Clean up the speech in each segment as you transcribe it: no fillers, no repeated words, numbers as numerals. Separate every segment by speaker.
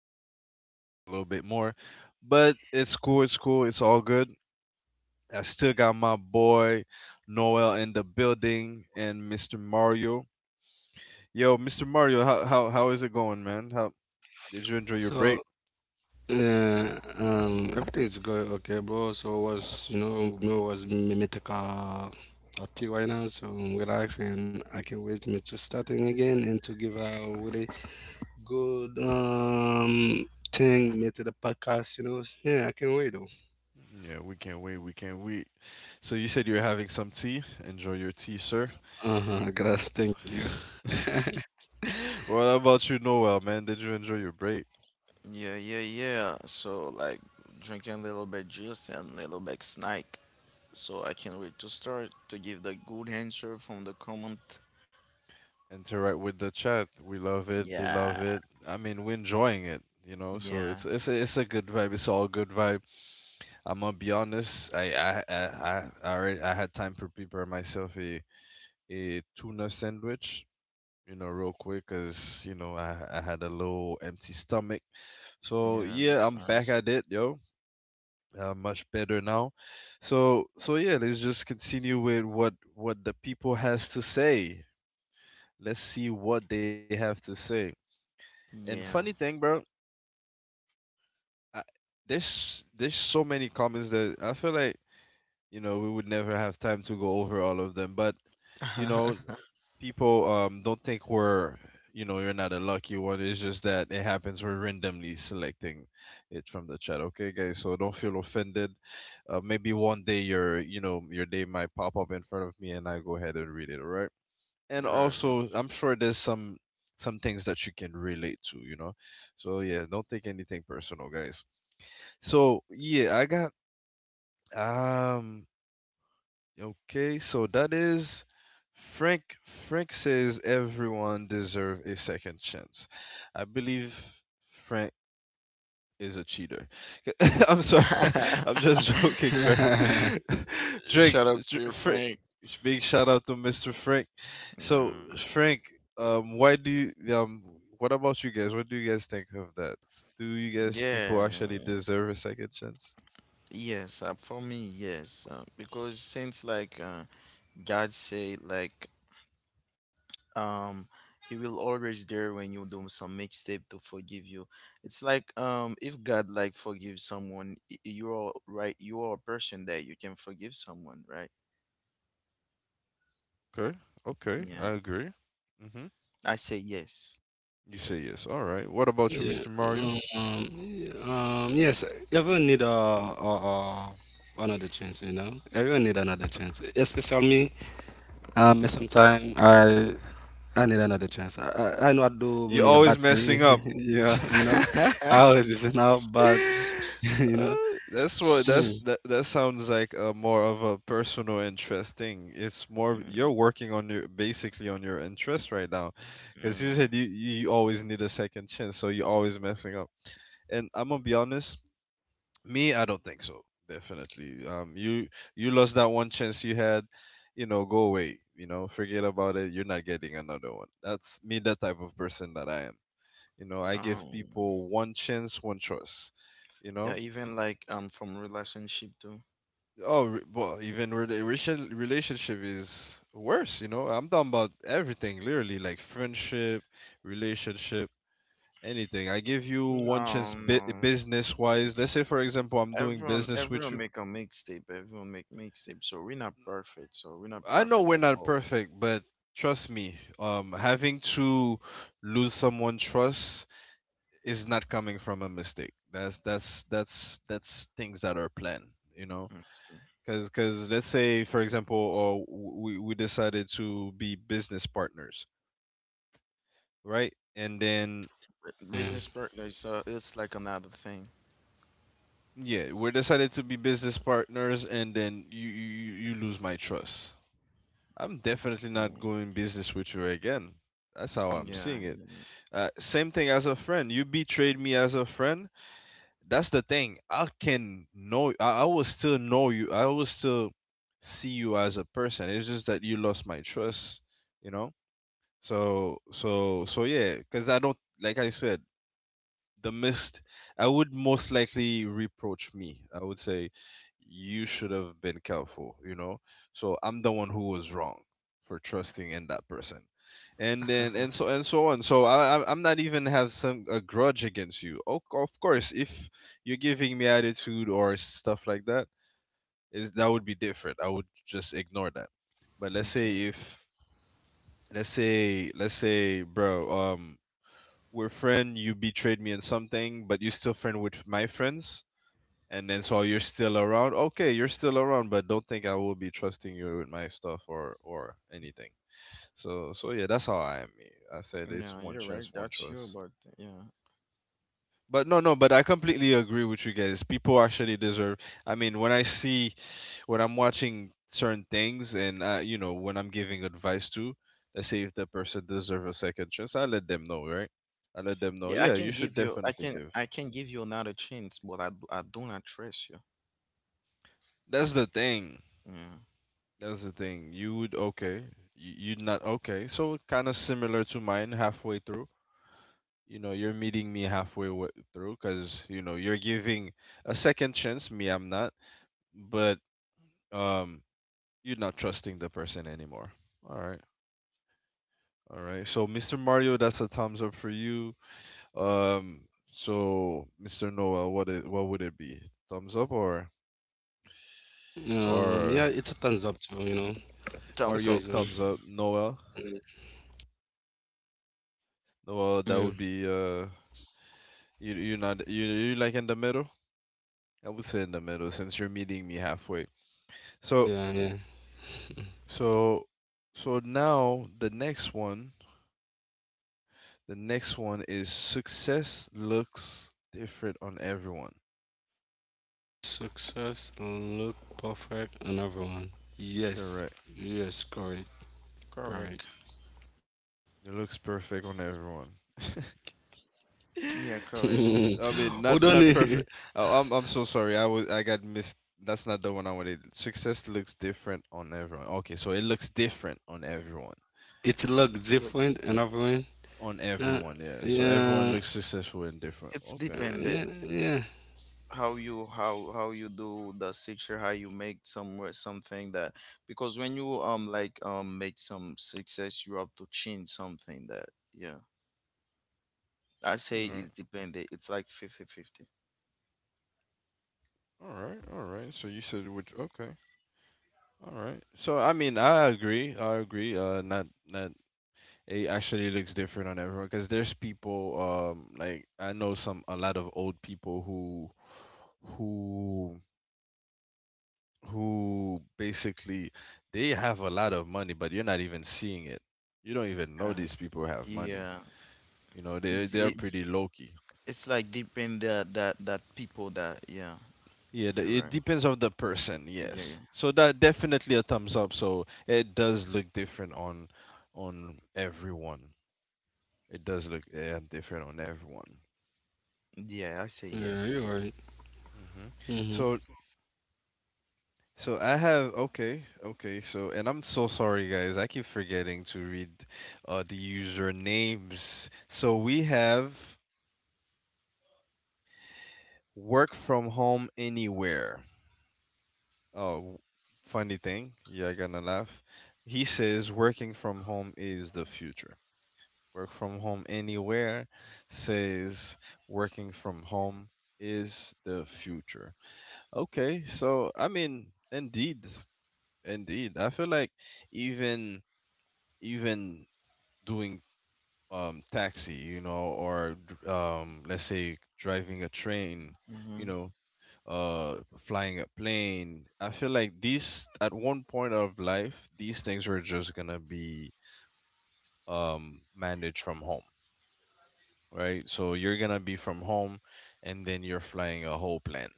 Speaker 1: feel like we needed a little bit more, but it's cool. It's cool. It's all good. I still got my boy Noel in the building and Mr. Mario. Yo, Mr. Mario, how is it going, man? How did you enjoy your
Speaker 2: So
Speaker 1: break?
Speaker 2: yeah, everything's going okay, bro. So was you know me was me take a tea right now, so I'm relaxing. I can wait me to starting again and to give a really good thing me to the podcast. You know, yeah, I can wait though.
Speaker 1: Yeah, we can't wait. We can't wait. So you said you're having some tea. Enjoy your tea, sir.
Speaker 2: Uh huh. Glad. Thank you.
Speaker 1: What about you, Noel, man? Did you enjoy your break?
Speaker 3: Yeah, yeah, yeah. So like drinking a little bit juice and a little bit snack. So I can't wait to start to give the good answer from the comment.
Speaker 1: Interact with the chat. We love it. They
Speaker 3: Yeah,
Speaker 1: love it. I mean, we're enjoying it, you know. So
Speaker 3: yeah,
Speaker 1: it's a good vibe. It's all good vibe. I'm gonna be honest. I already I had time to prepare myself a tuna sandwich. You know, real quick, cause you know I had a little empty stomach. So
Speaker 3: yeah.
Speaker 1: yeah,
Speaker 3: That's
Speaker 1: I'm back
Speaker 3: nice.
Speaker 1: at it, yo. Much better now. So so yeah, let's just continue with what the people has to say. Let's see what they have to say. And funny
Speaker 3: Yeah.
Speaker 1: thing, bro, I, there's so many comments that I feel like you know we would never have time to go over all of them. But you know, people don't think we're, you know, you're not a lucky one. It's just that it happens. We're randomly selecting it from the chat. Okay, guys, so don't feel offended. Maybe one day your, you know, your day might pop up in front of me, and I go ahead and read it. All right. And
Speaker 3: Right.
Speaker 1: also I'm sure there's some things that you can relate to, you know. So yeah, don't take anything personal, guys. So yeah, I got um okay, so that is, Frank, Frank says everyone deserve a second chance. I believe Frank is a cheater. I'm sorry. I'm just joking, Frank.
Speaker 3: Shout out to your
Speaker 1: Frank,
Speaker 3: friend.
Speaker 1: big shout out to Mr. Frank. So,
Speaker 3: Yeah.
Speaker 1: Frank, why do you what about you guys? What do you guys think of that? Do you guys
Speaker 3: Yeah.
Speaker 1: people actually deserve a second chance?
Speaker 3: Yes, for me, yes. Because since like God say like um he will always there when you do some mixtape to forgive you. It's like if god like forgive someone, you are right, you are a person that you can forgive someone, right?
Speaker 1: Okay, okay,
Speaker 3: Yeah,
Speaker 1: I agree. Mhm.
Speaker 3: I say yes.
Speaker 1: You say yes. All right. What about you,
Speaker 2: Yeah.
Speaker 1: Mr. Mario?
Speaker 2: Um, yeah, Yes. Everyone need a another chance. You know. Everyone need another chance. Especially me. Sometimes I need another chance. I know I do
Speaker 1: You're
Speaker 2: many a
Speaker 1: always
Speaker 2: bad thing.
Speaker 1: messing up.
Speaker 2: Yeah, I always listen out, but you know,
Speaker 1: Uh, that's what
Speaker 2: Mm.
Speaker 1: that sounds like a more of a personal interest thing. It's more
Speaker 3: Mm,
Speaker 1: you're working on your basically on your interest right now, because
Speaker 3: yeah.
Speaker 1: you said you always need a second chance, so you're always messing up. And I'm gonna be honest, me, I don't think so. Definitely, you you lost that one chance you had, you know, go away, you know, forget about it. You're not getting another one. That's me, that type of person that I am. You know, I give
Speaker 3: um
Speaker 1: people one chance, one choice. You
Speaker 3: yeah,
Speaker 1: know.
Speaker 3: even like from relationship too.
Speaker 1: Oh, well, even relationship is worse, you know? I'm talking about everything, literally, like friendship, relationship, anything. I give you
Speaker 3: No,
Speaker 1: one chance
Speaker 3: no,
Speaker 1: business-wise. Let's say, for example, I'm doing
Speaker 3: everyone
Speaker 1: business
Speaker 3: everyone
Speaker 1: with you.
Speaker 3: make a mixtape, everyone make mixtape, so we're not perfect, so we're not
Speaker 1: I know
Speaker 3: perfect
Speaker 1: we're
Speaker 3: at
Speaker 1: not
Speaker 3: all.
Speaker 1: perfect, but trust me, having to lose someone trust is not coming from a mistake. That's things that are planned, you know?
Speaker 3: Mm. Yeah.
Speaker 1: Because let's say for example, or we decided to be business partners, right? And then
Speaker 3: Business
Speaker 2: yeah.
Speaker 3: partner is it's like another thing.
Speaker 1: yeah, we decided to be business partners, and then you lose my trust. I'm definitely not
Speaker 3: Mm.
Speaker 1: going business with you again. That's how
Speaker 3: Yeah,
Speaker 1: I'm seeing it. Same thing as a friend. You betrayed me as a friend. That's the thing. I can know. I will still know you. I will still see you as a person. It's just that you lost my trust. You know. So yeah, because I don't, like I said, the mist. I would most likely reproach me. I would say you should have been careful. You know. So I'm the one who was wrong for trusting in that person,
Speaker 3: yeah.
Speaker 1: and then and so on. So I'm not even have some a grudge against you. Of course, if you're giving me attitude or stuff like that, is that would be different. I would just ignore that. But let's
Speaker 3: Okay.
Speaker 1: say if let's say bro we're friend. You betrayed me in something, but you still friend with my friends, and then so you're still around. Okay, you're still around, but don't think I will be trusting you with my stuff or anything. So so yeah, that's how I am. I said
Speaker 3: Yeah,
Speaker 1: it's
Speaker 3: you're
Speaker 1: one
Speaker 3: right.
Speaker 1: chance, one
Speaker 3: That's you,
Speaker 1: choice.
Speaker 3: but yeah.
Speaker 1: But no, no, but I completely agree with you guys. People actually deserve. I mean, when I see, when I'm watching certain things, and you know, when I'm giving advice to, let's say if the person deserves a second chance, I let them know, right? I let them
Speaker 3: Yeah, I
Speaker 1: know.
Speaker 3: can
Speaker 1: Yeah, you
Speaker 3: give
Speaker 1: should
Speaker 3: you
Speaker 1: definitely
Speaker 3: I
Speaker 1: give.
Speaker 3: can give you another chance, but I do not trust you.
Speaker 1: That's the thing.
Speaker 3: Yeah.
Speaker 1: That's the thing. You would okay. You, you'd not okay. So kind of similar to mine halfway through. You know, you're meeting me through because you know you're giving a second chance. Me, I'm not. But um, you're not trusting the person anymore. All right. All right. So Mr. Mario, that's a thumbs up for you. Um. So Mr. Noah, what it, what would it be? Thumbs up
Speaker 2: Yeah,
Speaker 1: or
Speaker 2: it's a thumbs up too. You know, it's
Speaker 3: Thumbs
Speaker 2: a
Speaker 3: up.
Speaker 1: Mario
Speaker 2: thumbs up.
Speaker 1: thumbs up? Noah.
Speaker 2: Mm,
Speaker 1: Noah, that would
Speaker 2: mm,
Speaker 1: be You you're not you, you like in the middle? I would say in the middle since you're meeting me halfway. So
Speaker 2: yeah, yeah.
Speaker 1: so so now the next one is success looks different on everyone.
Speaker 2: Success look perfect on everyone.
Speaker 1: Correct.
Speaker 2: Yes, yes, correct,
Speaker 3: Correct.
Speaker 2: correct.
Speaker 1: It looks perfect on everyone.
Speaker 3: Yeah, correct.
Speaker 1: Sus- I mean,
Speaker 2: Hold
Speaker 1: not
Speaker 2: on,
Speaker 1: not
Speaker 2: it
Speaker 1: perfect. Oh, I'm so sorry. I was I got missed. That's not the one I wanted. Success looks different on everyone. Okay, so it looks different on everyone.
Speaker 2: it look
Speaker 3: Like,
Speaker 2: different on everyone.
Speaker 1: On
Speaker 2: Yeah,
Speaker 1: everyone, yeah. So everyone
Speaker 2: yeah,
Speaker 1: looks successful and different.
Speaker 3: it's
Speaker 1: Okay.
Speaker 2: yeah,
Speaker 3: dependent
Speaker 2: yeah.
Speaker 3: how you do the picture, how you make somewhere something that, because when you like make some success, you have to change something that, yeah. I say
Speaker 1: Alright.
Speaker 3: it's dependent. It's like fifty-fifty.
Speaker 1: Alright, alright. So you said which okay. Alright. So I mean, I agree. I agree. Not not it actually looks different on everyone because there's people like I know some a lot of old people who who basically they have a lot of money but you're not even seeing it. You don't even
Speaker 3: 50
Speaker 1: know these people have money.
Speaker 3: Yeah,
Speaker 1: You know, they
Speaker 3: it's
Speaker 1: they're
Speaker 3: it's
Speaker 1: pretty low.
Speaker 3: it's like depend that people that, yeah.
Speaker 1: Yeah,
Speaker 3: You're
Speaker 1: it
Speaker 3: right.
Speaker 1: depends of the person.
Speaker 3: Yeah, yeah,
Speaker 1: Yes, so that definitely a thumbs up. So it does look different on everyone. It does look different on everyone.
Speaker 3: yeah. I say
Speaker 2: Yeah, you're
Speaker 3: yes.
Speaker 2: right.
Speaker 1: Hmm.
Speaker 2: Hmm.
Speaker 1: So so I have okay okay. So and I'm so sorry, guys. I keep forgetting to read the user names. So we have work from home anywhere. Oh, funny thing. Yeah, I' gonna laugh. He says working from home is the future. Work from home anywhere says working from home is the future. Okay, so I mean, indeed, indeed, I feel like even even doing taxi, you know, or let's say driving a train, you
Speaker 3: Hmm.
Speaker 1: know, flying a plane. I feel like these at one point of life, these things are just gonna be managed from home, right? So you're gonna be from home, and then you're flying a whole plane.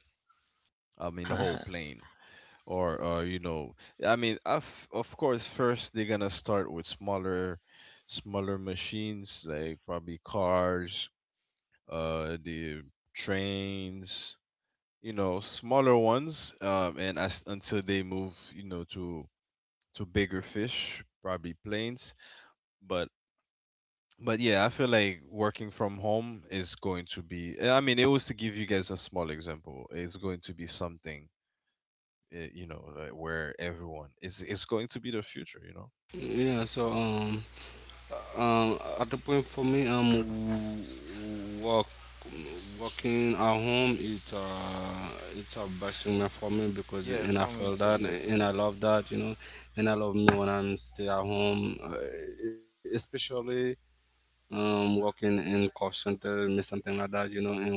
Speaker 1: I mean, a whole plane, or you know, I mean, of course, first they're gonna start with smaller, smaller machines like probably cars, the trains, you know, smaller ones, and as until they move, you know, to bigger fish, probably planes. But But yeah, I feel like working from home is going to be. I mean, it was to give you guys a small example. It's going to be something, you know, like where everyone is. It's going to be the future, you know.
Speaker 2: Yeah,
Speaker 1: Yeah.
Speaker 2: so at the point for me walking at home it's a best thing for me because
Speaker 3: Yeah,
Speaker 2: and I
Speaker 3: for me
Speaker 2: feel
Speaker 3: it's the
Speaker 2: that and
Speaker 3: best.
Speaker 2: I love that, you know, and I love me when I'm stay at home, especially working in call center me something like that, you know, and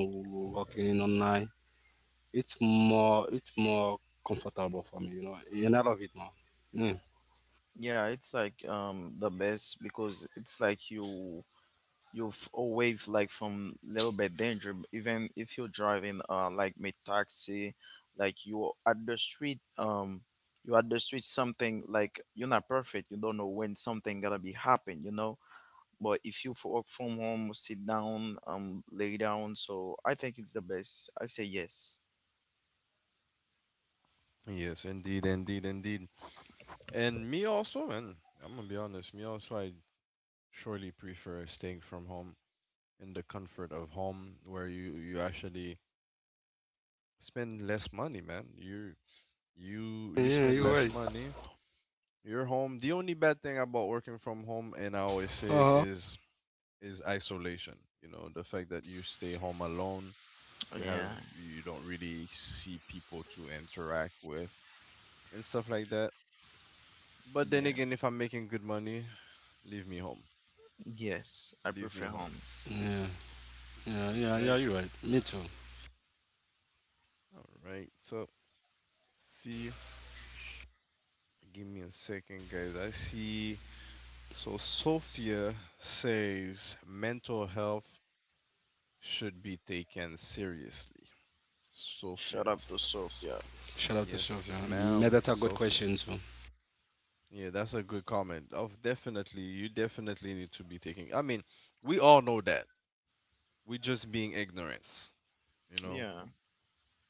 Speaker 2: working online it's more comfortable for me, you know, and I love it more. Yeah,
Speaker 3: Yeah, it's like the best because it's like you're away like from little bit danger, even if you're driving like mid taxi, like you're at the street, you're at the street something, like you're not perfect, you don't know when something gonna be happen, you know. But if you work from home, sit down, lay down, so I think it's the best, I say yes.
Speaker 1: Yes, indeed, indeed, indeed. And me also, man. I'm gonna be honest. Me also, I surely prefer staying from home in the comfort of home, where you actually spend less money, man. You
Speaker 2: yeah, you're
Speaker 1: spend
Speaker 2: right.
Speaker 1: less money. You're home. The only bad thing about working from home, and I always say it,
Speaker 2: Uh huh.
Speaker 1: is isolation. You know, the fact that you stay home alone, you have
Speaker 3: Yeah.
Speaker 1: you don't really see people to interact with and stuff like that. But then
Speaker 3: Yeah.
Speaker 1: again, if I'm making good money, leave me home.
Speaker 3: Yes, I
Speaker 1: Leave me
Speaker 3: prefer
Speaker 1: home.
Speaker 3: home.
Speaker 2: Yeah, yeah, yeah,
Speaker 1: All
Speaker 2: yeah, you're right.
Speaker 1: right.
Speaker 2: Me too.
Speaker 1: All right. So, see, give me a second, guys. I see. So, Sophia says mental health should be taken seriously. Sophia.
Speaker 3: Shut up to Sophia.
Speaker 2: Shout out to Sylvia.
Speaker 1: Yes,
Speaker 2: Me,
Speaker 1: ma'am,
Speaker 2: that's a good
Speaker 1: Sophia.
Speaker 2: question too.
Speaker 1: Yeah, that's a good comment. Of definitely, you definitely need to be taking. I mean, we all know that. We just being ignorance, you know.
Speaker 3: Yeah,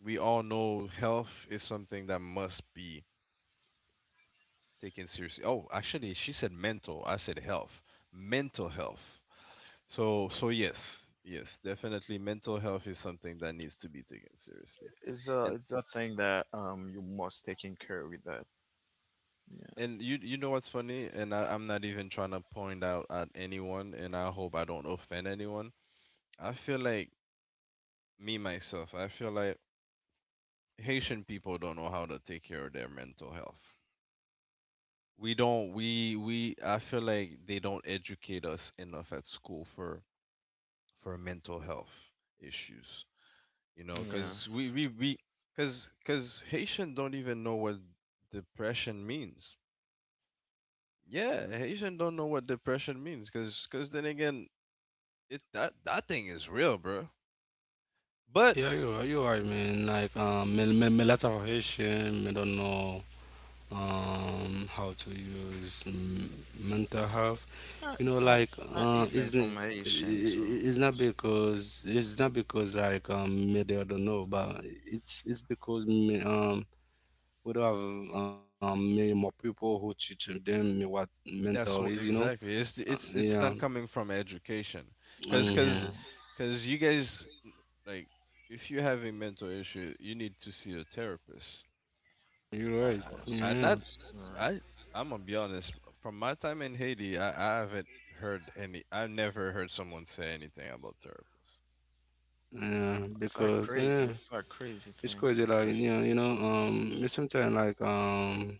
Speaker 1: We all know health is something that must be taken seriously. Oh, actually, she said mental. I said health. Mental health. So, so yes, yes, definitely, mental health is something that needs to be taken seriously.
Speaker 3: it's a
Speaker 1: And
Speaker 3: it's a thing that you must take in care with that. Yeah.
Speaker 1: And you you know what's funny? And I'm not even trying to point out at anyone, and I hope I don't offend anyone. I feel like me myself, I feel like Haitian people don't know how to take care of their mental health. We don't we I feel like they don't educate us enough at school for mental health issues. You know,
Speaker 3: Yeah.
Speaker 1: because we because Haitian don't even know what depression means. Yeah, Haitian don't know what depression means because then again, It that that thing is real, bro. But
Speaker 2: Yeah, you're right, man. Like, me, lot of Haitian, me don't know how to use mental health.
Speaker 3: It's not,
Speaker 2: You know,
Speaker 3: it's not,
Speaker 2: like,
Speaker 3: it's not even
Speaker 2: it's,
Speaker 3: information
Speaker 2: it's
Speaker 3: too.
Speaker 2: not because, like, me, they don't know, but it's, because me, we don't have many more people who teach them me what mental
Speaker 1: that's
Speaker 2: is,
Speaker 1: what
Speaker 2: you know?
Speaker 1: exactly. It's it's it's
Speaker 2: Yeah,
Speaker 1: not coming from education, cause
Speaker 2: mm-hmm.
Speaker 1: cause
Speaker 3: Yeah,
Speaker 1: cause you guys like if you have a mental issue, you need to see a therapist.
Speaker 2: You're
Speaker 1: I
Speaker 3: of
Speaker 2: right.
Speaker 3: course,
Speaker 1: I
Speaker 3: of
Speaker 2: You're
Speaker 1: not
Speaker 2: right.
Speaker 3: course. You're right.
Speaker 1: I I'm gonna be honest. From my time in Haiti, I haven't heard any. I've never heard someone say anything about therapists.
Speaker 2: Yeah,
Speaker 3: It's not
Speaker 2: because
Speaker 3: crazy.
Speaker 2: yeah,
Speaker 3: It's not crazy
Speaker 2: it's
Speaker 3: thing.
Speaker 2: crazy.
Speaker 1: It's
Speaker 2: Like
Speaker 1: great.
Speaker 2: you know, sometimes like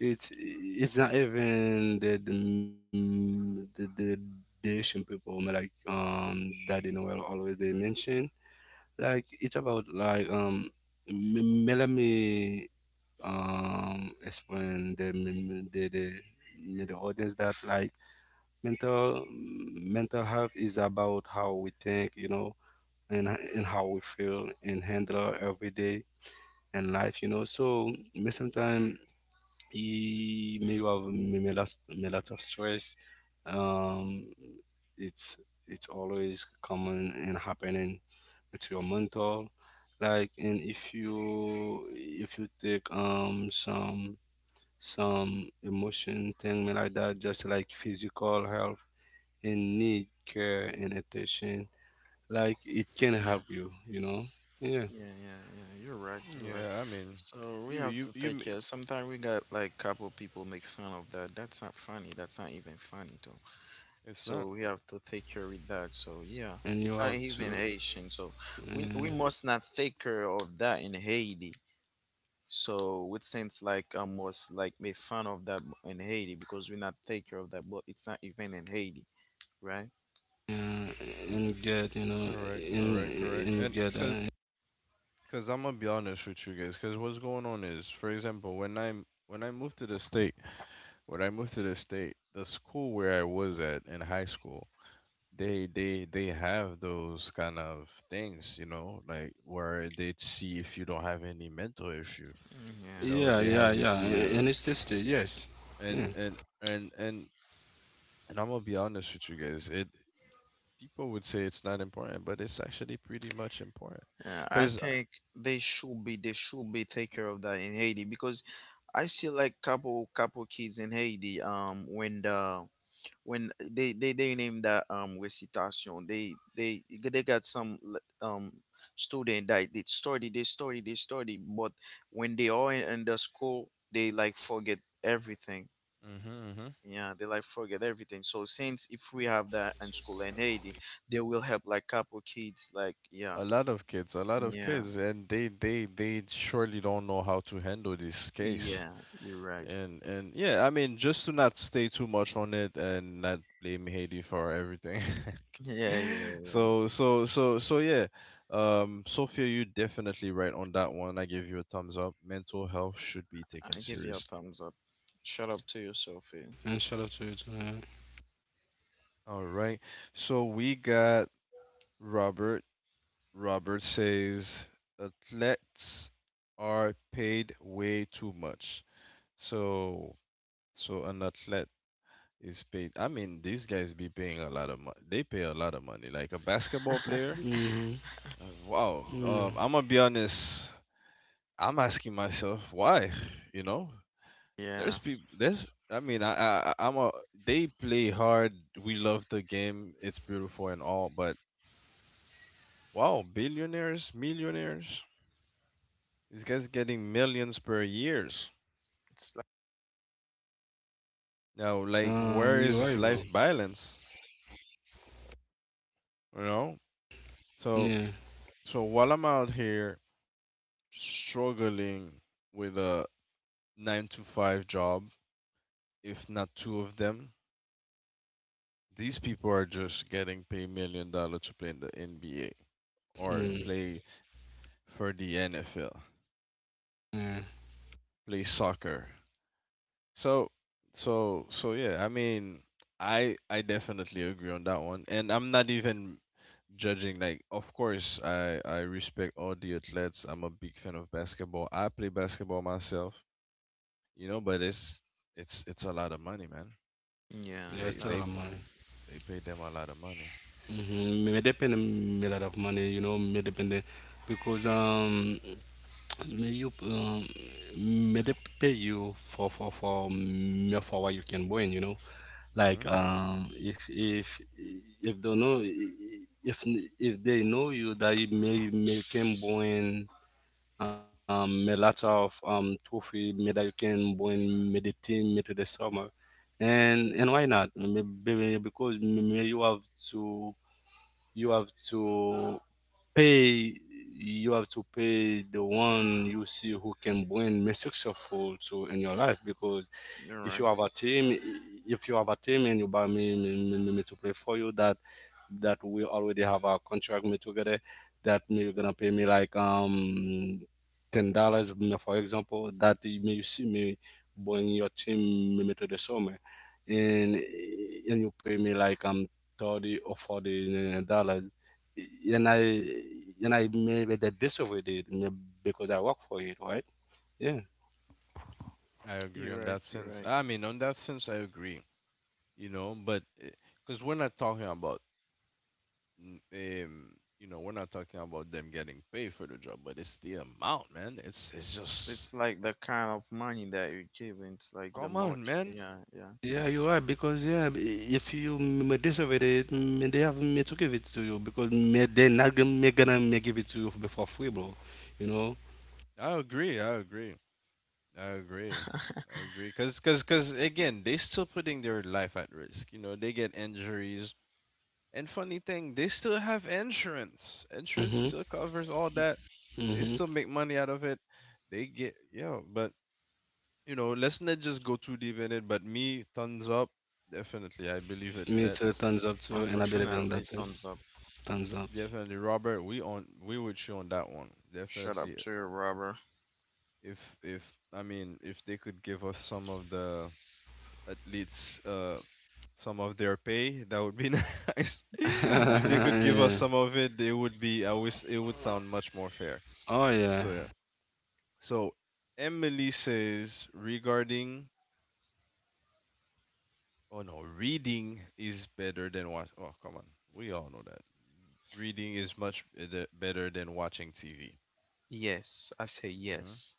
Speaker 2: it's not even the Asian people, but like, that you know, well, always they mention like it's about like, m- let me explain the audience that like mental health is about how we think, you know, and and how we feel and handle our everyday and life, you know. So may sometimes he may have may lot may lots of stress. Um, it's it's always common and happening with your mental. Like and if you take some emotion thing like that, just like physical health and need care and attention, like it can
Speaker 3: Yeah,
Speaker 2: help you, you know, yeah,
Speaker 3: yeah, yeah, yeah. You're right. You're right.
Speaker 1: Yeah, I mean,
Speaker 3: So we
Speaker 1: you
Speaker 3: have
Speaker 1: you
Speaker 3: to
Speaker 1: you.
Speaker 3: take
Speaker 1: m-
Speaker 3: care. Sometimes we got like couple people make fun of that. That's not funny. That's not even funny though.
Speaker 1: it's not
Speaker 3: So we have to take care with that. So yeah,
Speaker 2: and you
Speaker 3: it's not
Speaker 2: have
Speaker 3: even
Speaker 2: to
Speaker 3: Haitian. So we
Speaker 2: uh,
Speaker 3: we must not take care of that in Haiti. So with sense like almost like made fun of that in Haiti because we not take care of that, but it's not even in Haiti, right?
Speaker 2: uh, and get, you know,
Speaker 1: correct,
Speaker 2: in and
Speaker 1: and
Speaker 2: get,
Speaker 1: cause I'm gonna be honest with you guys. Cause what's going on is, for example, when I moved to the state, when I moved to the state, the school where I was at in high school, they have those kind of things, you know, like where they see if you don't have any mental issue,
Speaker 3: Mm,
Speaker 1: you
Speaker 2: yeah,
Speaker 3: yeah,
Speaker 1: know,
Speaker 3: yeah.
Speaker 2: yeah,
Speaker 1: they
Speaker 2: yeah,
Speaker 1: have you see
Speaker 2: and it's
Speaker 1: a
Speaker 2: tasty, yes, yeah,
Speaker 1: and and and and and I'm gonna be honest with you guys. It people would say it's not important, but it's actually pretty much important.
Speaker 3: Yeah, I
Speaker 1: Because
Speaker 3: think they should be take care of that in Haiti because I see like couple kids in Haiti when the when they name that recitation, they got some student that they study, but when they are in the school, they like forget everything. Yeah, they like forget everything, so since if we have that in school in Haiti, they will help like couple kids, like, yeah.
Speaker 1: a lot of kids, a lot of
Speaker 3: Yeah,
Speaker 1: kids, and they surely don't know how to handle this case.
Speaker 3: yeah, you're right.
Speaker 1: And yeah, I mean, just to not stay too much on it and not blame Haiti for everything.
Speaker 3: Yeah, yeah, yeah.
Speaker 1: So yeah, Sophia, you are definitely right on that one. I give you a thumbs up. Mental health should be taken
Speaker 3: I give you a
Speaker 1: seriously.
Speaker 3: thumbs up. Shut up to you, Sophie.
Speaker 2: and shout out to you too.
Speaker 1: All right. So we got Robert. Robert says athletes are paid way too much. So, so an athlete is paid. I mean, these guys be paying a lot of money. They pay a lot of money. Like a basketball player.
Speaker 2: Yeah. Hmm.
Speaker 1: Wow.
Speaker 2: Yeah.
Speaker 1: I'm gonna be honest. I'm asking myself why. You know,
Speaker 3: Yeah.
Speaker 1: there's people. There's. I mean, I'm a. They play hard. We love the game. It's beautiful and all. But wow, billionaires, millionaires. These guys getting millions per years.
Speaker 3: It's like.
Speaker 1: Now, like,
Speaker 2: You're right,
Speaker 1: where
Speaker 2: bro.
Speaker 1: is life balance? You know.
Speaker 2: Yeah.
Speaker 1: So So while I'm out here struggling with a nine to five job, if not two of them, these people are just getting paid million dollars to play in the NBA or
Speaker 2: Mm,
Speaker 1: play for the NFL,
Speaker 2: yeah,
Speaker 1: play soccer. So so yeah, I mean I definitely agree on that one. And I'm not even judging, like of course I respect all the athletes. I'm a big fan of basketball. I play basketball myself. You know. But it's it's a lot of money, man.
Speaker 3: Yeah,
Speaker 2: yeah,
Speaker 3: it's
Speaker 1: They
Speaker 2: it's a
Speaker 3: not
Speaker 2: lot
Speaker 3: a
Speaker 1: they
Speaker 2: of money.
Speaker 3: money.
Speaker 1: they pay them a lot of money.
Speaker 2: Mm-hmm. May depend, a lot of money, you know. May depend, because you, may they pay you for me for what you can win, you know. Like
Speaker 1: hmm
Speaker 2: if they know, if if they know you that you may can win a lot of trophy may that you can win may the team may to the summer. And why not, maybe because may you have to, you have to pay, you have to pay the one you see who can bring me successful to in your life. Because
Speaker 3: You're
Speaker 2: if
Speaker 3: right,
Speaker 2: you have a team, if you have a team and you buy me, me, me, me to play for you, that that we already have a contract me together. That me you're gonna pay me like $10, for example. That you may you see me bring your team me, me to the summer, and you pay me like 30 or 40 dollars, and I maybe that disobeyed it because I work for it, right? Yeah.
Speaker 1: I agree
Speaker 3: you're
Speaker 1: on
Speaker 3: right,
Speaker 1: that
Speaker 3: you're
Speaker 1: sense.
Speaker 3: right.
Speaker 1: I mean, on that sense, I agree. You know, but because we're not talking about, n- um, you know, we're not talking about them getting paid for the job, but it's the amount, man. It's just,
Speaker 3: It's like
Speaker 1: uh,
Speaker 3: the kind of money that you give, it's like the
Speaker 1: come on,
Speaker 3: much,
Speaker 1: man.
Speaker 3: yeah, yeah.
Speaker 2: Yeah, you are, because yeah, if you deserve it, they have me to give it to you because me, they're not gonna, me gonna me give it to you for free, bro. You know.
Speaker 1: I agree. I agree. I agree. I agree. Cause again, they still putting their life at risk. You know, they get injuries. And funny thing, they still have insurance. Insurance
Speaker 2: Mhm.
Speaker 1: still covers all that. They
Speaker 2: Mhm.
Speaker 1: still make money out of it. They get yo, but you know, let's not just go too deep in it. But me, thumbs up, definitely. I believe
Speaker 2: Me
Speaker 1: it.
Speaker 2: too. Thumbs
Speaker 1: Let's
Speaker 2: up too, and I believe in that
Speaker 3: Unfortunately,
Speaker 2: too.
Speaker 3: thumbs up.
Speaker 2: Thumbs up.
Speaker 1: definitely, Robert. We on we with you on that one.
Speaker 3: Shut
Speaker 1: Definitely.
Speaker 3: up to you, Robber.
Speaker 1: If I mean if they could give us some of the at least some of their pay, that would be nice.
Speaker 3: Yeah.
Speaker 1: If they could give us
Speaker 2: Yeah.
Speaker 1: some of it, they would be. I wish it would sound much more fair.
Speaker 2: Oh yeah.
Speaker 1: So yeah. So Emily says regarding oh no, reading is better than watch. Oh come on, we all know that reading is much better than watching TV.
Speaker 3: Yes, I say
Speaker 1: hmm
Speaker 3: yes.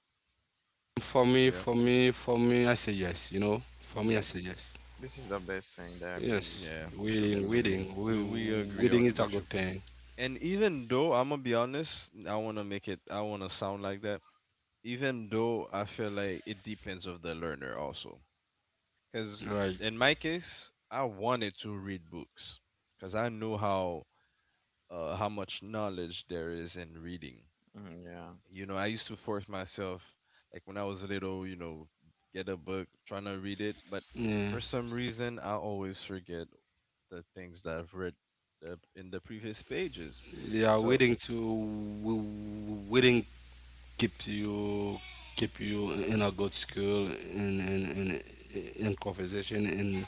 Speaker 2: For me,
Speaker 1: Yep.
Speaker 2: for me, for me, I say yes. You know. For me, I say
Speaker 3: Yes,
Speaker 2: yes.
Speaker 3: this is the best thing that we
Speaker 2: Yes.
Speaker 1: Yeah,
Speaker 3: we should
Speaker 2: Waiting,
Speaker 3: be
Speaker 1: Emily,
Speaker 2: waiting,
Speaker 3: doing.
Speaker 1: we agree
Speaker 2: waiting
Speaker 1: on
Speaker 2: is a
Speaker 1: with
Speaker 2: good
Speaker 1: you.
Speaker 2: thing.
Speaker 1: And even though I'm gonna be honest, I wanna sound like that. Even though I feel like it depends of the learner also, because
Speaker 2: Right.
Speaker 1: in my case, I wanted to read books because I knew how much knowledge there is in reading.
Speaker 3: Mm, yeah,
Speaker 1: You know, I used to force myself, like when I was little, you know, get a book, trying to read it, but
Speaker 2: Yeah.
Speaker 1: for some reason, I always forget the things that I've read in the previous pages.
Speaker 2: They are
Speaker 1: So,
Speaker 2: waiting to waiting keep you keep you in a good school, and in, in conversation,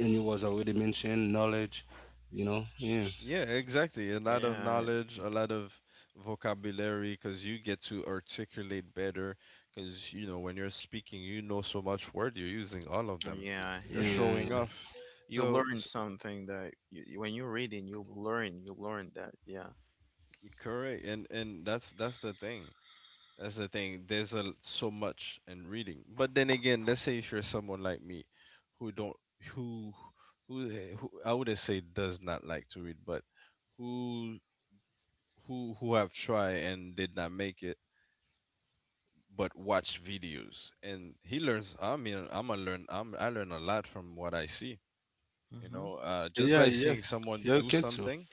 Speaker 2: and it was already mentioned knowledge, you know. Yeah,
Speaker 1: yeah, exactly. A lot of
Speaker 3: yeah,
Speaker 1: knowledge, a lot of vocabulary, because you get to articulate better. Because, you know, when you're speaking, you know so much word, you're using all of them.
Speaker 3: yeah,
Speaker 1: You're
Speaker 3: yeah.
Speaker 2: yeah,
Speaker 1: showing
Speaker 2: yeah,
Speaker 1: off.
Speaker 3: You
Speaker 1: So,
Speaker 3: learn
Speaker 1: s-
Speaker 3: something that you, when you're reading, you learn. You learn that. Yeah.
Speaker 1: Y- correct, and that's the thing. That's the thing. There's so much in reading, but then again, let's say if you're someone like me, who don't who who, eh, who I wouldn't say does not like to read, but who who have tried and did not make it, but watch videos, and he learns. I mean, I'm a learn. I'm I learn a lot from what I see. You
Speaker 3: Mm-hmm.
Speaker 1: know, just
Speaker 2: yeah,
Speaker 1: by
Speaker 2: yeah.
Speaker 1: seeing someone
Speaker 2: Yeah, you
Speaker 1: do
Speaker 2: can too.
Speaker 1: something.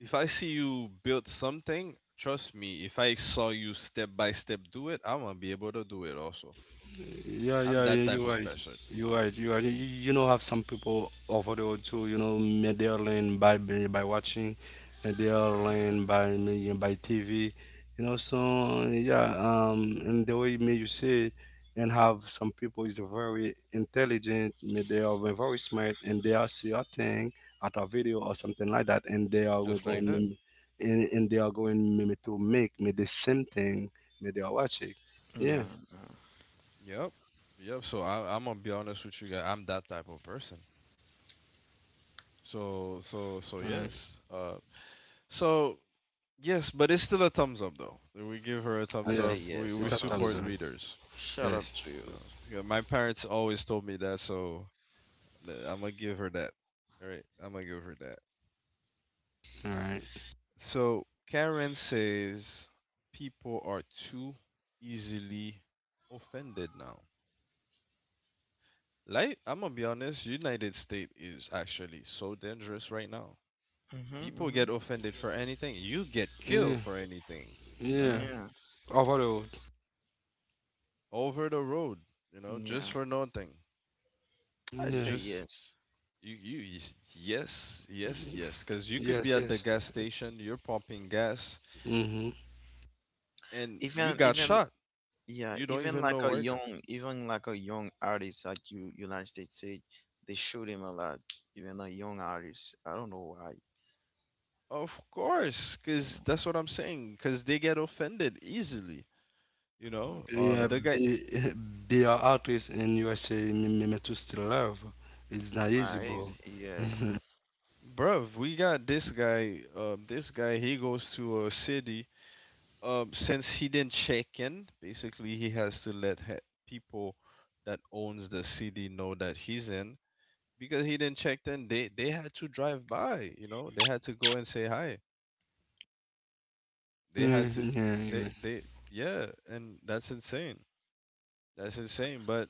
Speaker 1: If I see you build something, trust me, if I saw you step by step do it, I'm gonna be able to do it also.
Speaker 2: Yeah, yeah,
Speaker 1: I'm
Speaker 2: yeah,
Speaker 1: that
Speaker 2: you're
Speaker 1: type
Speaker 2: right.
Speaker 1: of person.
Speaker 2: You're right. You're right. You know, have some people over there too, you know, made their learn by watching, made their
Speaker 1: hmm
Speaker 2: learn by by TV, you know. So yeah, and the way may you say it, and have some people is very intelligent, may they are very smart, and they are see a thing at a video or something like that, and they are
Speaker 1: Just like
Speaker 2: going
Speaker 1: that.
Speaker 2: and they are going maybe to make me the same thing, may they are watching. Yeah.
Speaker 3: Yeah.
Speaker 1: Yep. Yep. So I, I'm gonna be honest with you guys. I'm that type of person. So yes. So yes, but it's still a thumbs up though. We give her a
Speaker 3: I
Speaker 1: thumbs
Speaker 2: Yeah,
Speaker 3: say
Speaker 1: up.
Speaker 3: yes.
Speaker 2: it's
Speaker 1: We
Speaker 2: a time
Speaker 3: Sometimes.
Speaker 1: support
Speaker 3: No.
Speaker 2: zone.
Speaker 1: readers.
Speaker 3: Shut
Speaker 2: Yes.
Speaker 3: up to
Speaker 1: You
Speaker 3: you.
Speaker 1: know. Yeah, my parents always told me that, so I'm gonna give her that. All right. I'm gonna give her that.
Speaker 2: All right.
Speaker 1: So Karen says people are too easily offended now. Like I'm gonna be honest, United States is actually so dangerous right now.
Speaker 3: Mm-hmm.
Speaker 1: People
Speaker 3: Mm-hmm.
Speaker 1: get offended for anything. You get
Speaker 2: Yeah.
Speaker 1: killed for anything
Speaker 2: Yeah.
Speaker 1: now.
Speaker 3: Yeah.
Speaker 2: Over the road.
Speaker 1: Over the road, you know,
Speaker 3: Yeah.
Speaker 1: just for nothing.
Speaker 3: I
Speaker 1: You
Speaker 2: Yeah.
Speaker 3: say
Speaker 1: just
Speaker 3: yes.
Speaker 1: you you yes, 'cause you could
Speaker 2: Yes.
Speaker 1: be at the
Speaker 2: Yes.
Speaker 1: gas station, you're pumping gas,
Speaker 2: Mhm.
Speaker 1: and you
Speaker 3: Even
Speaker 1: got
Speaker 3: even
Speaker 1: shot.
Speaker 3: yeah.
Speaker 1: You don't even know where it got.
Speaker 3: Even like a young artist, like you United States say, they shoot him a lot. Even a young artist. I don't know why.
Speaker 1: Of course, because
Speaker 3: Yeah.
Speaker 1: that's what I'm saying. Because they get offended easily. You know,
Speaker 2: Yeah.
Speaker 1: the guy,
Speaker 2: Be be an artist in USA. Me me me to still love. It's not easy,
Speaker 3: Ah,
Speaker 2: bro.
Speaker 3: easy. Yeah,
Speaker 2: Yeah.
Speaker 1: bruv, we got this guy. This guy, he goes to a city. Since he didn't check in, basically, he has to people that owns the city know that he's in. Because he didn't check in, they had to drive by. You know, they had to go and say hi.
Speaker 2: Yeah.
Speaker 1: They had to,
Speaker 2: Yeah.
Speaker 1: they yeah, and that's insane. That's insane. But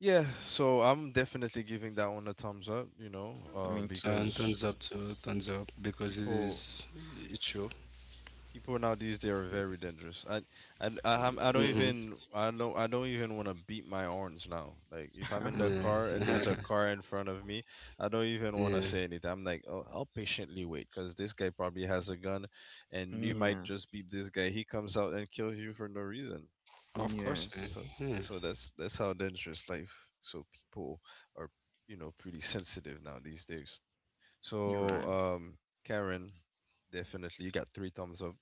Speaker 1: yeah, so I'm definitely giving that one a thumbs up, you know,
Speaker 3: me
Speaker 2: And
Speaker 3: too.
Speaker 2: thumbs up
Speaker 1: because
Speaker 2: to thumbs up because it's
Speaker 1: people
Speaker 2: it's true.
Speaker 1: people now these days are very dangerous. I don't
Speaker 2: Hmm.
Speaker 1: even I know I don't even want to beat my horns now. Like if I'm in the
Speaker 2: Yeah.
Speaker 1: car and there's a car in front of me, I don't even want to
Speaker 2: Yeah.
Speaker 1: say anything. I'm like, oh, I'll patiently wait because this guy probably has a gun, and you might
Speaker 3: Yeah,
Speaker 1: just beat this guy. He comes out and kills you for no reason.
Speaker 2: Of course. Yeah.
Speaker 3: yes,
Speaker 1: So
Speaker 2: Yeah.
Speaker 1: that's how dangerous life, so people are, you know, pretty sensitive now these days.
Speaker 3: you're
Speaker 1: so
Speaker 3: right.
Speaker 1: um Karen, definitely you got three thumbs up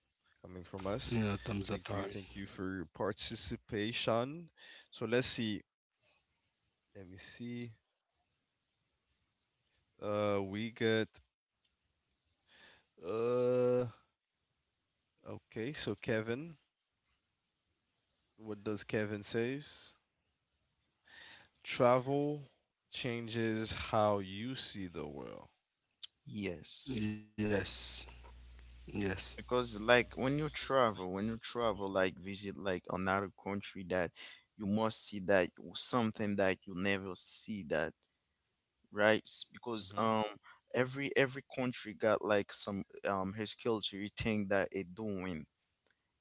Speaker 1: coming from
Speaker 2: Yeah,
Speaker 1: us.
Speaker 2: thumbs up. All right.
Speaker 1: Thank you for your participation. So let's see, let me see. We get uh okay, so Kevin, what does Kevin says? Travel changes how you see the world.
Speaker 3: Yes,
Speaker 2: Yes. Yes.
Speaker 3: because like when you travel, like visit like another country that you must see that something that you never see that, right? Because
Speaker 1: hmm
Speaker 3: every country got like some his culture thing that it doing.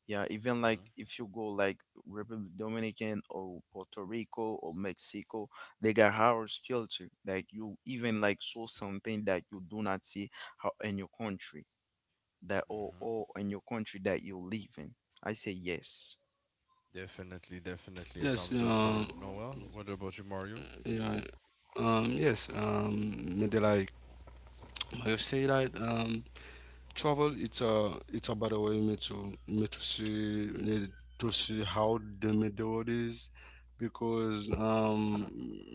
Speaker 3: Yeah, even like if you go like Republic Dominican or Puerto Rico or Mexico, they got harsh culture. Like you even like saw something that you do not see how in your country that
Speaker 1: hmm
Speaker 3: or in your country that you live in. I say yes.
Speaker 1: Definitely,
Speaker 2: Yes.
Speaker 1: definitely a thumbs up for Noah. What about you, Mario?
Speaker 2: Yeah. Yes, maybe like how you say that, travel. It's a better way me to me to see how the me the world is, because,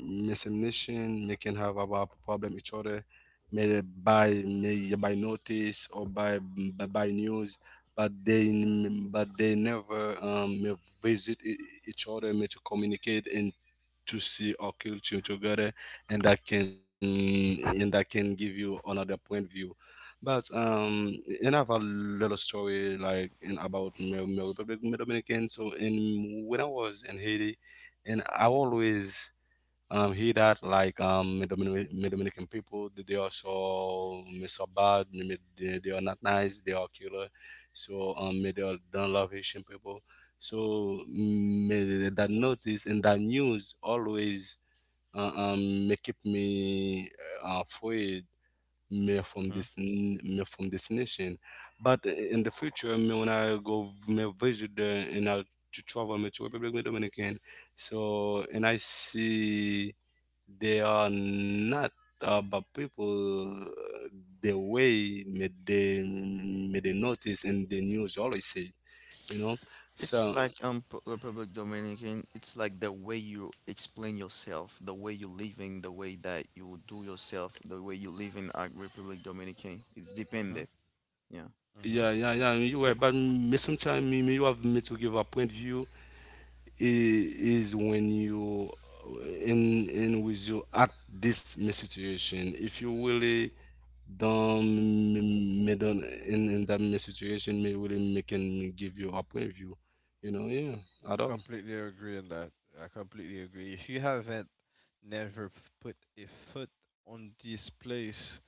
Speaker 2: missing nation may can have about problem each other, may by notice or by by news. But they, but they never may visit each other, may to communicate and to see our culture together, and that can give you another point of view. But and I have a little story like in about my, my Republic, my Dominican. So in when I was in Haiti, and I always here that like my Dominican people, they are so me so bad, they are not nice, they are killer. So me they are don't love Haitian people. So me, that notice and that news always, me keep me afraid me from
Speaker 1: Mm-hmm.
Speaker 2: this, me from this nation. But in the future me when I go me visit there, and I to travel me to Republic of Dominican. So and I see they are not about people, the way may they notice and the news always say, you know.
Speaker 3: It's
Speaker 2: So
Speaker 3: like Republic Dominican. It's like the way you explain yourself, the way you living, the way that you do yourself, the way you live in Republic Dominican. It's
Speaker 1: Mm-hmm.
Speaker 3: dependent. Yeah.
Speaker 2: yeah, yeah,
Speaker 1: Mm-hmm.
Speaker 2: yeah, you were, but me sometimes me, me you have me to give a point view, is when you, in with you at this me situation, if you really don't me, me don't in that me situation, me really me can give you a point view, you know, yeah,
Speaker 1: You
Speaker 2: at all.
Speaker 1: completely agree on that. I completely agree. If you haven't never p- put a foot on this place,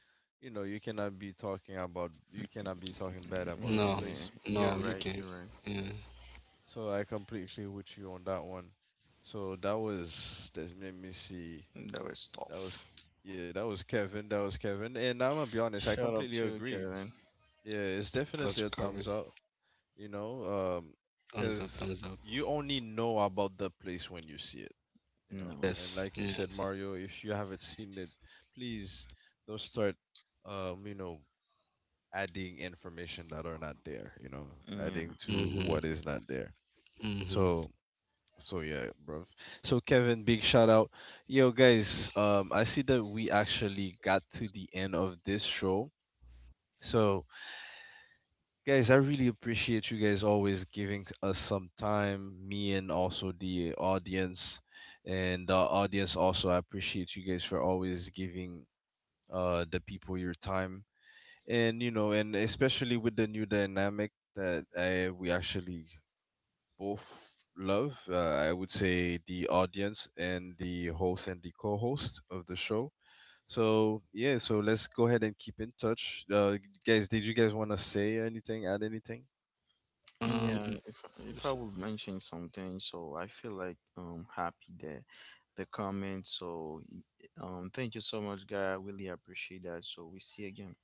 Speaker 1: you know, you cannot be talking about, you cannot be talking bad
Speaker 3: Yeah, yeah,
Speaker 1: about the
Speaker 2: No,
Speaker 3: yeah. Yeah.
Speaker 1: place, you
Speaker 3: You're
Speaker 2: no,
Speaker 1: know?
Speaker 2: you
Speaker 3: right.
Speaker 2: can.
Speaker 3: You're right.
Speaker 2: Yeah.
Speaker 1: So I completely with you on that one. So that was that's let me see.
Speaker 3: That was
Speaker 1: That was
Speaker 3: tough.
Speaker 1: yeah, that was Kevin. That was Kevin. And I'm gonna be honest, I
Speaker 3: Shut up
Speaker 1: completely
Speaker 3: too,
Speaker 1: agree.
Speaker 3: Kevin.
Speaker 1: Yeah, it's
Speaker 2: Shout out to
Speaker 1: definitely a
Speaker 2: Calvin.
Speaker 1: thumbs up, you know,
Speaker 2: Thumbs up,
Speaker 1: cause
Speaker 2: thumbs up.
Speaker 1: you only know about the place when you see it, you know.
Speaker 3: No.
Speaker 1: And
Speaker 2: Yes,
Speaker 1: like you said,
Speaker 2: yes.
Speaker 1: Mario, if you haven't seen it, please don't start, you know, adding information that are not there, you know,
Speaker 3: Yeah.
Speaker 1: adding to
Speaker 2: Mm-hmm.
Speaker 1: what is not there.
Speaker 2: Mm-hmm.
Speaker 1: So, yeah, bro. So Kevin, big shout out. Yo, guys, I see that we actually got to the end of this show. So, guys, I really appreciate you guys always giving us some time, me and also the audience. And the audience also, I appreciate you guys for always giving the people your time. And you know, and especially with the new dynamic that I we actually both love, I would say the audience and the host and the co-host of the show. So yeah, so let's go ahead and keep in touch. Guys, did you guys want to say anything, add anything?
Speaker 2: Um
Speaker 3: Yeah. If I
Speaker 2: s-
Speaker 3: would mention something, so I feel like happy that the comment. So thank you so much, guy. I really appreciate that. So we see again.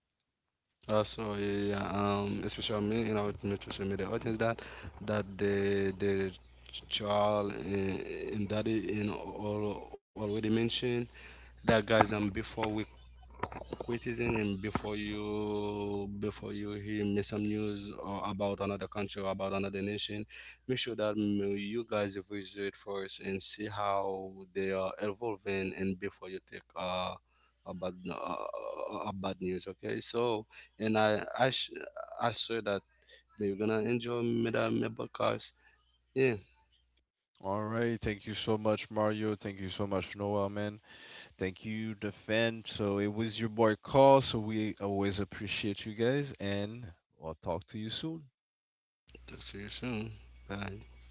Speaker 2: so yeah, yeah, especially me in our social media audience, that that the child, and daddy in all already mentioned that, guys, before we criticism him, before you, before you hear me some news or about another country or about another nation, make sure that, mm, you guys visit first and see how they are evolving, and before you take a bad, bad news, okay. So and I swear that you're gonna enjoy me that podcast. Yeah.
Speaker 1: All right. Thank you so much, Mario. Thank you so much, Noah, man. Thank you, Defend. So it was your boy Carl. So we always appreciate you guys, and I'll talk to you soon.
Speaker 2: Talk to you soon. Bye.